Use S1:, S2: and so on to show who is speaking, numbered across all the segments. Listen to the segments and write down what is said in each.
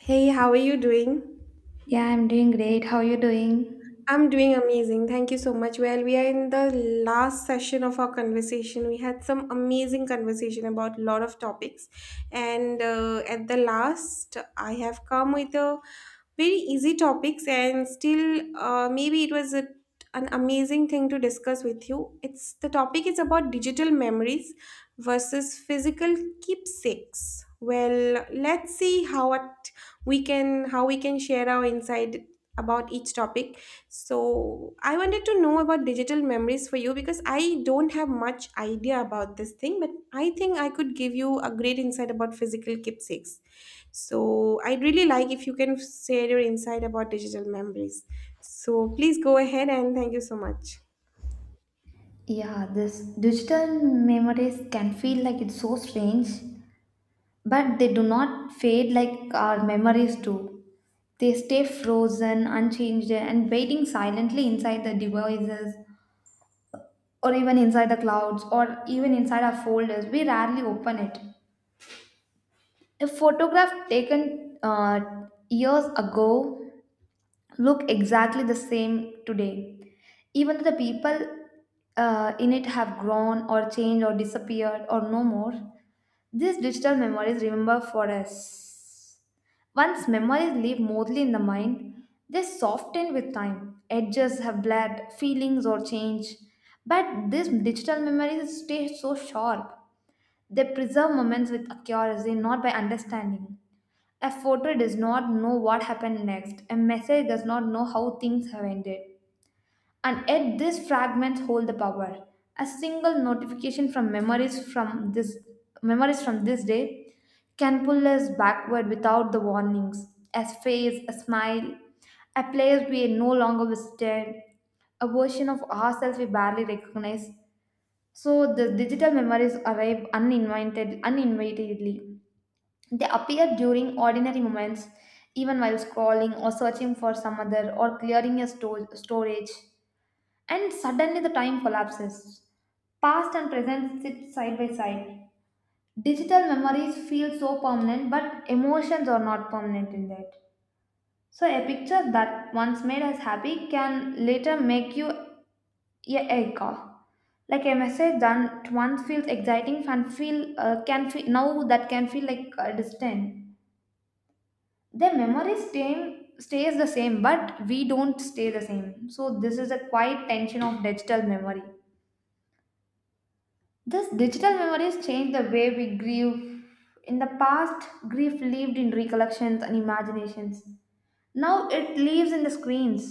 S1: Hey, how are you doing?
S2: Yeah, I'm doing great. How are you doing?
S1: I'm doing amazing. Thank you so much. Well, we are in the last session of our conversation. We had some amazing conversation about a lot of topics, and at the last, I have come with a very easy topics, and still, maybe it was an amazing thing to discuss with you. It's the topic is about digital memories versus physical keepsakes. Well, let's see how we can share our insight about each topic. So I wanted to know about digital memories for you because I don't have much idea about this thing, but I think I could give you a great insight about physical keepsakes. So I'd really like if you can share your insight about digital memories. So please go ahead and thank you so much.
S2: Yeah, this digital memories can feel like it's so strange, but they do not fade like our memories do. They stay frozen, unchanged, and waiting silently inside the devices or even inside the clouds or even inside our folders. We rarely open it. A photograph taken years ago look exactly the same today even though the people in it have grown or changed or disappeared or no more, these digital memories remember for us. Once memories live mostly in the mind, they soften with time, edges have blurred, feelings or change, but these digital memories stay so sharp. They preserve moments with accuracy, not by understanding. A photo does not know what happened next. A message does not know how things have ended. And yet, these fragments hold the power. A single notification from memories from this day can pull us backward without the warnings. A face, a smile, a place we no longer visited, a version of ourselves we barely recognize. So the digital memories arrive uninvited, uninvitedly. They appear during ordinary moments, even while scrolling or searching for some other or clearing your storage, and suddenly the time collapses. Past and present sit side by side. Digital memories feel so permanent, but emotions are not permanent in that. So, a picture that once made us happy can later make you a echo. Like a message that once feels exciting and feel can feel now that can feel like distant. Their memory staying stays the same, but we don't stay the same. So this is a quiet tension of digital memory. This digital memories change the way we grieve. In the past, grief lived in recollections and imaginations. Now it lives in the screens.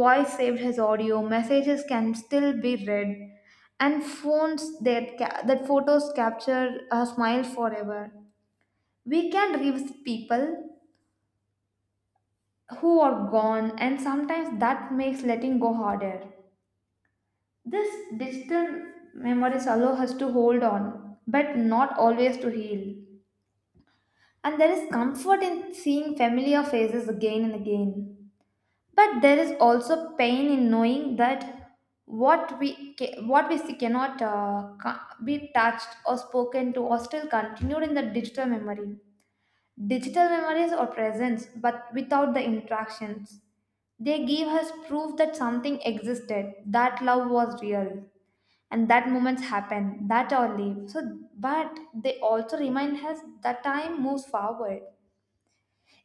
S2: Voice saved as audio messages can still be read, and phones that photos capture our smiles forever. We can revisit people who are gone, and sometimes that makes letting go harder. This digital memories allow us to hold on, but not always to heal. And there is comfort in seeing familiar faces again and again. But there is also pain in knowing that what we see cannot be touched or spoken to or still continued in the digital memory. Digital memories are present, but without the interactions. They give us proof that something existed, that love was real, and that moments happen, that are live. So, but they also remind us that time moves forward,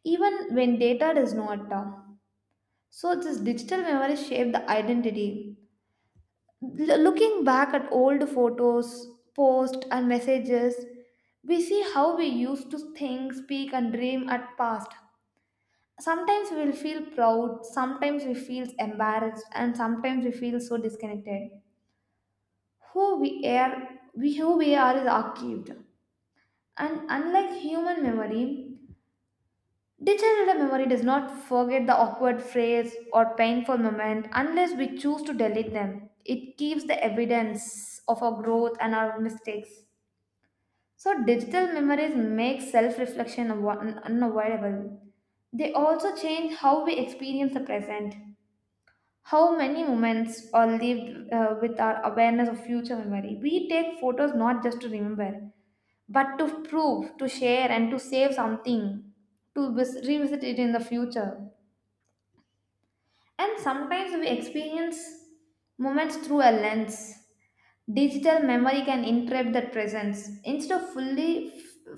S2: even when data does not. So, this digital memory shaped the identity. Looking back at old photos, posts, and messages, we see how we used to think, speak, and dream at past. Sometimes we'll feel proud, sometimes we feel embarrassed, and sometimes we feel so disconnected. Who we are, we who we are is archived. And unlike human memory, digital memory does not forget the awkward phrase or painful moment unless we choose to delete them. It keeps the evidence of our growth and our mistakes. So digital memories make self-reflection unavoidable. They also change how we experience the present. How many moments are lived with our awareness of future memory? We take photos not just to remember, but to prove, to share, and to save something, to revisit it in the future. And sometimes we experience moments through a lens. Digital memory can interrupt that presence. Instead of fully,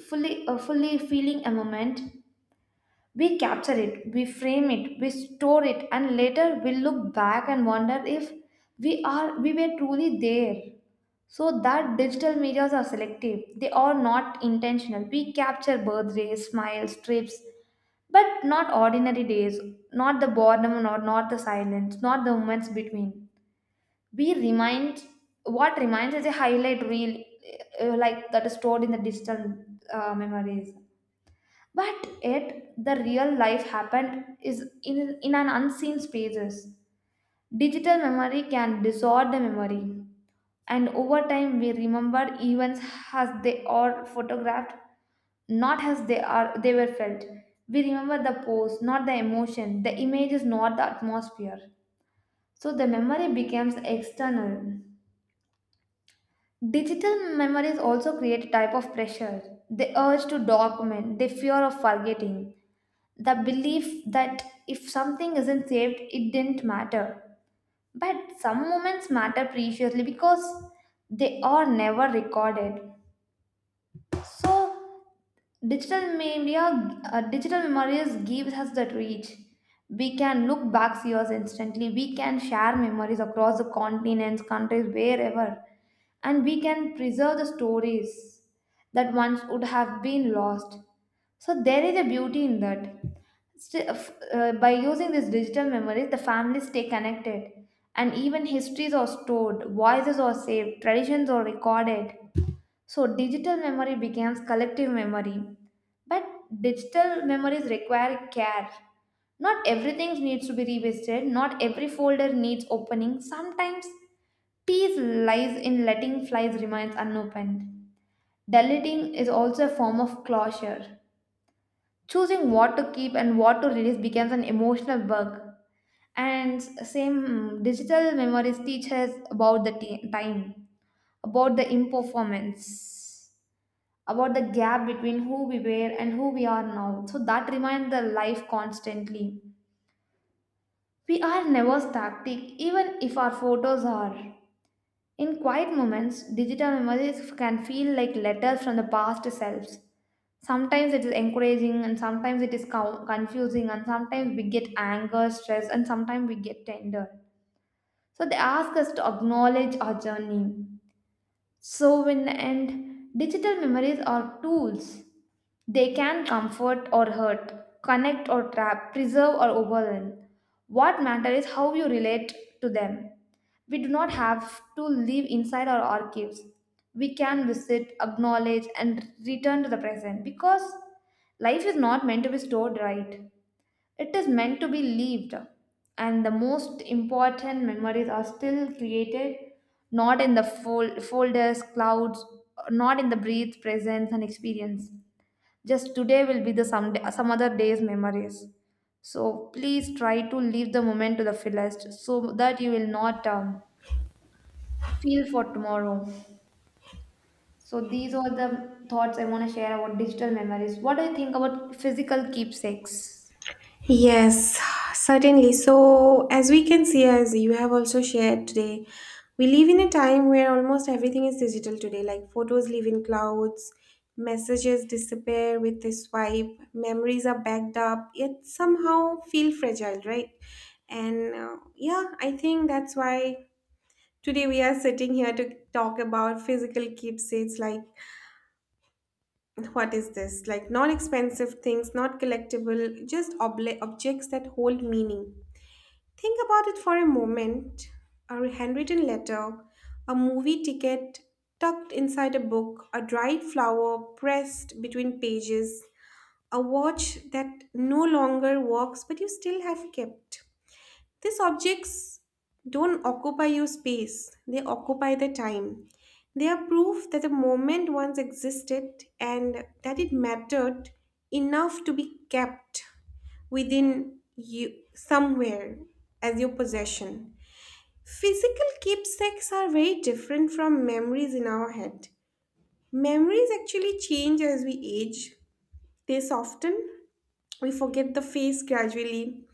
S2: fully, uh, fully feeling a moment, we capture it, we frame it, we store it, and later we look back and wonder if we were truly there. So that digital medias are selective. They are not intentional. We capture birthdays, smiles, trips, but not ordinary days, not the boredom or not the silence, not the moments between. We remind what reminds is a highlight reel, like that is stored in the digital memories. But yet, the real life happened is in an unseen spaces. Digital memory can distort the memory, and over time we remember events as they are photographed, not as they were felt. We remember the pose, not the emotion. The image is not the atmosphere. So the memory becomes external. Digital memories also create a type of pressure. The urge to document, the fear of forgetting, the belief that if something isn't saved, it didn't matter. But some moments matter preciously because they are never recorded. So digital memories gives us that reach. We can look back years instantly. We can share memories across the continents, countries, wherever, and we can preserve the stories that once would have been lost. So there is a beauty in that. By using these digital memories, the families stay connected, and even histories are stored, voices are saved, traditions are recorded. So digital memory becomes collective memory. But digital memories require care. Not everything needs to be revisited, not every folder needs opening. Sometimes peace lies in letting files remain unopened. Deleting is also a form of closure. Choosing what to keep and what to release becomes an emotional work. And same digital memories teach us about the time, about the imperformance, about the gap between who we were and who we are now. So that reminds the life constantly. We are never static, even if our photos are. In quiet moments, digital memories can feel like letters from the past selves. Sometimes it is encouraging, and sometimes it is confusing, and sometimes we get anger, stress, and sometimes we get tender. So they ask us to acknowledge our journey. So, in the end, digital memories are tools. They can comfort or hurt, connect or trap, preserve or overwhelm. What matters is how you relate to them. We do not have to live inside our archives. We can visit, acknowledge, and return to the present because life is not meant to be stored right. It is meant to be lived. And the most important memories are still created not in the folders, clouds, not in the breath, presence, and experience. Just today will be the some day, some other day's memories. So please try to leave the moment to the fullest so that you will not feel for tomorrow. So these are the thoughts I want to share about digital memories. What do you think about physical keepsakes?
S1: Yes, certainly. So, as we can see, as you have also shared today, we live in a time where almost everything is digital today. Like photos live in clouds, messages disappear with a swipe, memories are backed up, yet somehow feel fragile, right? And yeah, I think that's why today we are sitting here to talk about physical keepsakes like what is this? Like not expensive things, not collectible, just obli objects that hold meaning. Think about it for a moment, a handwritten letter, a movie ticket tucked inside a book, a dried flower pressed between pages, a watch that no longer works but you still have kept. These objects don't occupy your space, they occupy the time. They are proof that the moment once existed and that it mattered enough to be kept within you somewhere as your possession. Physical keepsakes are very different from memories in our head. Memories actually change as we age. They soften. We forget the face gradually,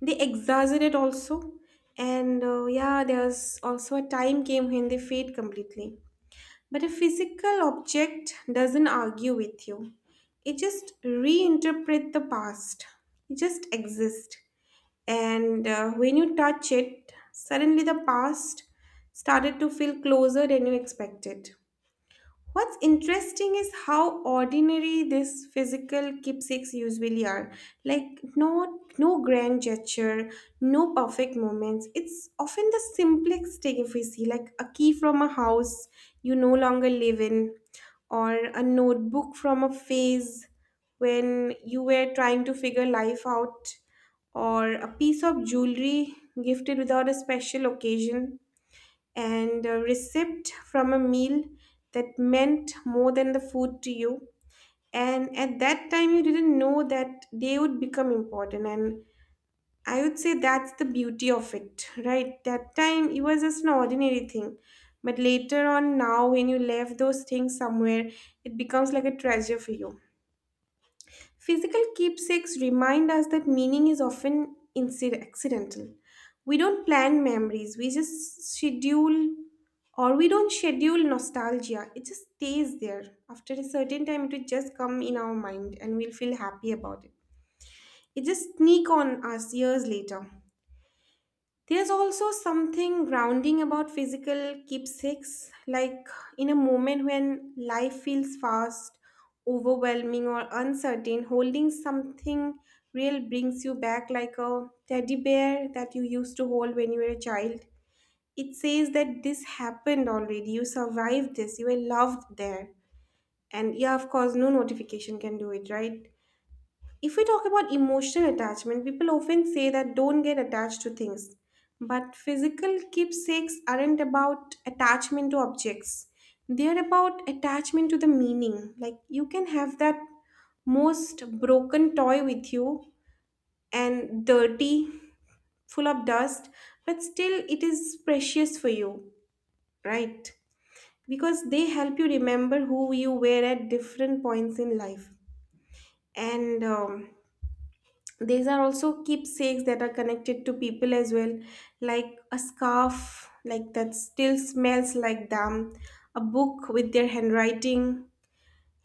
S1: they exaggerate also, and yeah, there's also a time came when they fade completely, but a physical object doesn't argue with you, it just reinterpret the past, it just exists. And when you touch it, suddenly the past started to feel closer than you expected. What's interesting is how ordinary this physical keepsakes usually are. Like no grand gesture, no perfect moments. It's often the simplest thing if we see, like a key from a house you no longer live in, or a notebook from a phase when you were trying to figure life out, or a piece of jewelry gifted without a special occasion and a receipt from a meal that meant more than the food to you. And at that time, you didn't know that they would become important. And I would say that's the beauty of it, right? That time, it was just an ordinary thing. But later on, now, when you left those things somewhere, it becomes like a treasure for you. Physical keepsakes remind us that meaning is often accidental. We don't plan memories, we just schedule, or we don't schedule nostalgia. It just stays there. After a certain time, it will just come in our mind and we'll feel happy about it. It just sneak on us years later. There's also something grounding about physical keepsakes, like in a moment when life feels fast, overwhelming, or uncertain, holding something real brings you back like a teddy bear that you used to hold when you were a child. It says that this happened already, you survived this, you were loved there. And yeah, of course, no notification can do it, right? If we talk about emotional attachment, people often say that don't get attached to things. But physical keepsakes aren't about attachment to objects, they're about attachment to the meaning. Like you can have that most broken toy with you and dirty, full of dust, but still it is precious for you, right? Because they help you remember who you were at different points in life. And these are also keepsakes that are connected to people as well, like a scarf like that still smells like them, a book with their handwriting,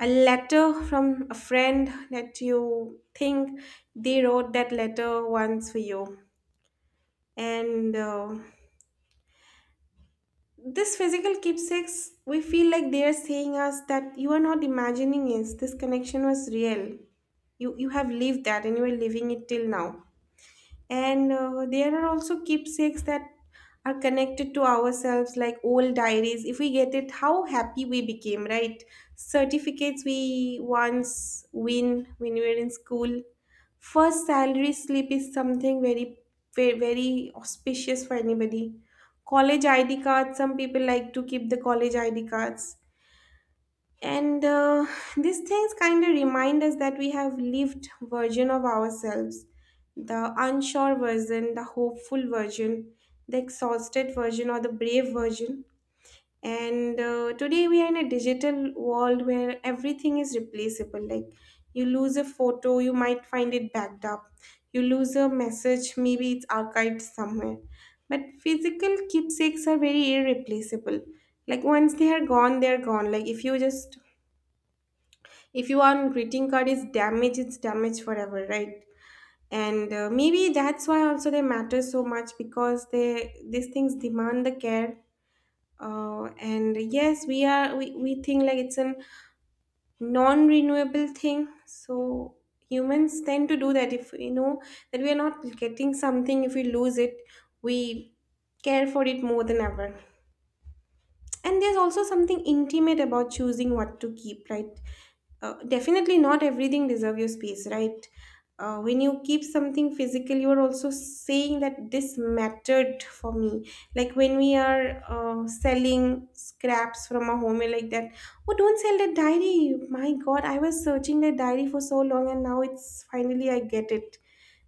S1: a letter from a friend that you think they wrote that letter once for you. And this physical keepsakes, we feel like they are saying us that you are not imagining it. This connection was real. You have lived that and you are living it till now. And there are also keepsakes that are connected to ourselves like old diaries, if we get it how happy we became, right? Certificates we once win when we were in school, first salary slip is something very, very, very auspicious for anybody, college id cards, some people like to keep the college id cards. And these things kind of remind us that we have lived version of ourselves, the unsure version, the hopeful version, the exhausted version, or the brave version. And today we are in a digital world where everything is replaceable. Like you lose a photo, you might find it backed up. You lose a message, maybe it's archived somewhere. But physical keepsakes are very irreplaceable. Like once they are gone, they are gone. Like if you want greeting card is damaged, it's damaged forever, right? And maybe that's why also they matter so much because they these things demand the care. uh, and yes, we think like it's a non-renewable thing, so humans tend to do that. If we know that we are not getting something, if we lose it, we care for it more than ever. And there's also something intimate about choosing what to keep, right? Definitely not everything deserves your space, right? When you keep something physical, you are also saying that this mattered for me. Like when we are selling scraps from our home, we're like that, oh, don't sell that diary, my god, I was searching that diary for so long and now it's finally I get it.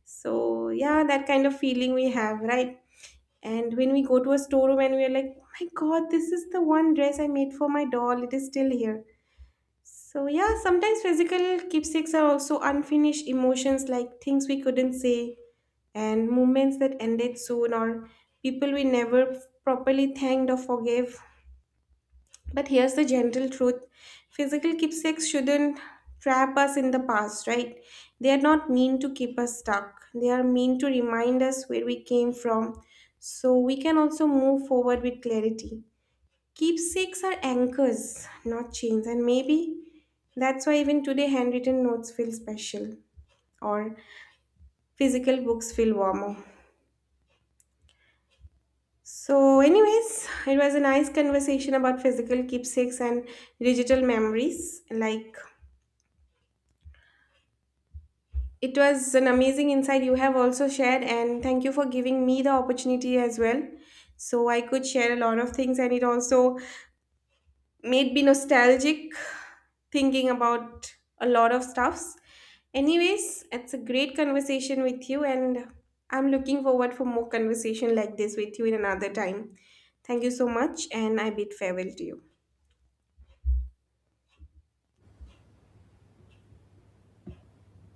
S1: So yeah, that kind of feeling we have, right? And when we go to a storeroom and we're like, oh my god, this is the one dress I made for my doll, it is still here. So, yeah, sometimes physical keepsakes are also unfinished emotions like things we couldn't say and moments that ended soon or people we never properly thanked or forgave. But here's the general truth, physical keepsakes shouldn't trap us in the past, right? They are not meant to keep us stuck, they are meant to remind us where we came from so we can also move forward with clarity. Keepsakes are anchors, not chains, and maybe that's why even today handwritten notes feel special or physical books feel warmer. So, anyways, it was a nice conversation about physical keepsakes and digital memories. Like, it was an amazing insight you have also shared, and thank you for giving me the opportunity as well. So I could share a lot of things, and it also made me nostalgic thinking about a lot of stuffs. Anyways, it's a great conversation with you, and I'm looking forward for more conversation like this with you in another time. Thank you so much, and I bid farewell to you.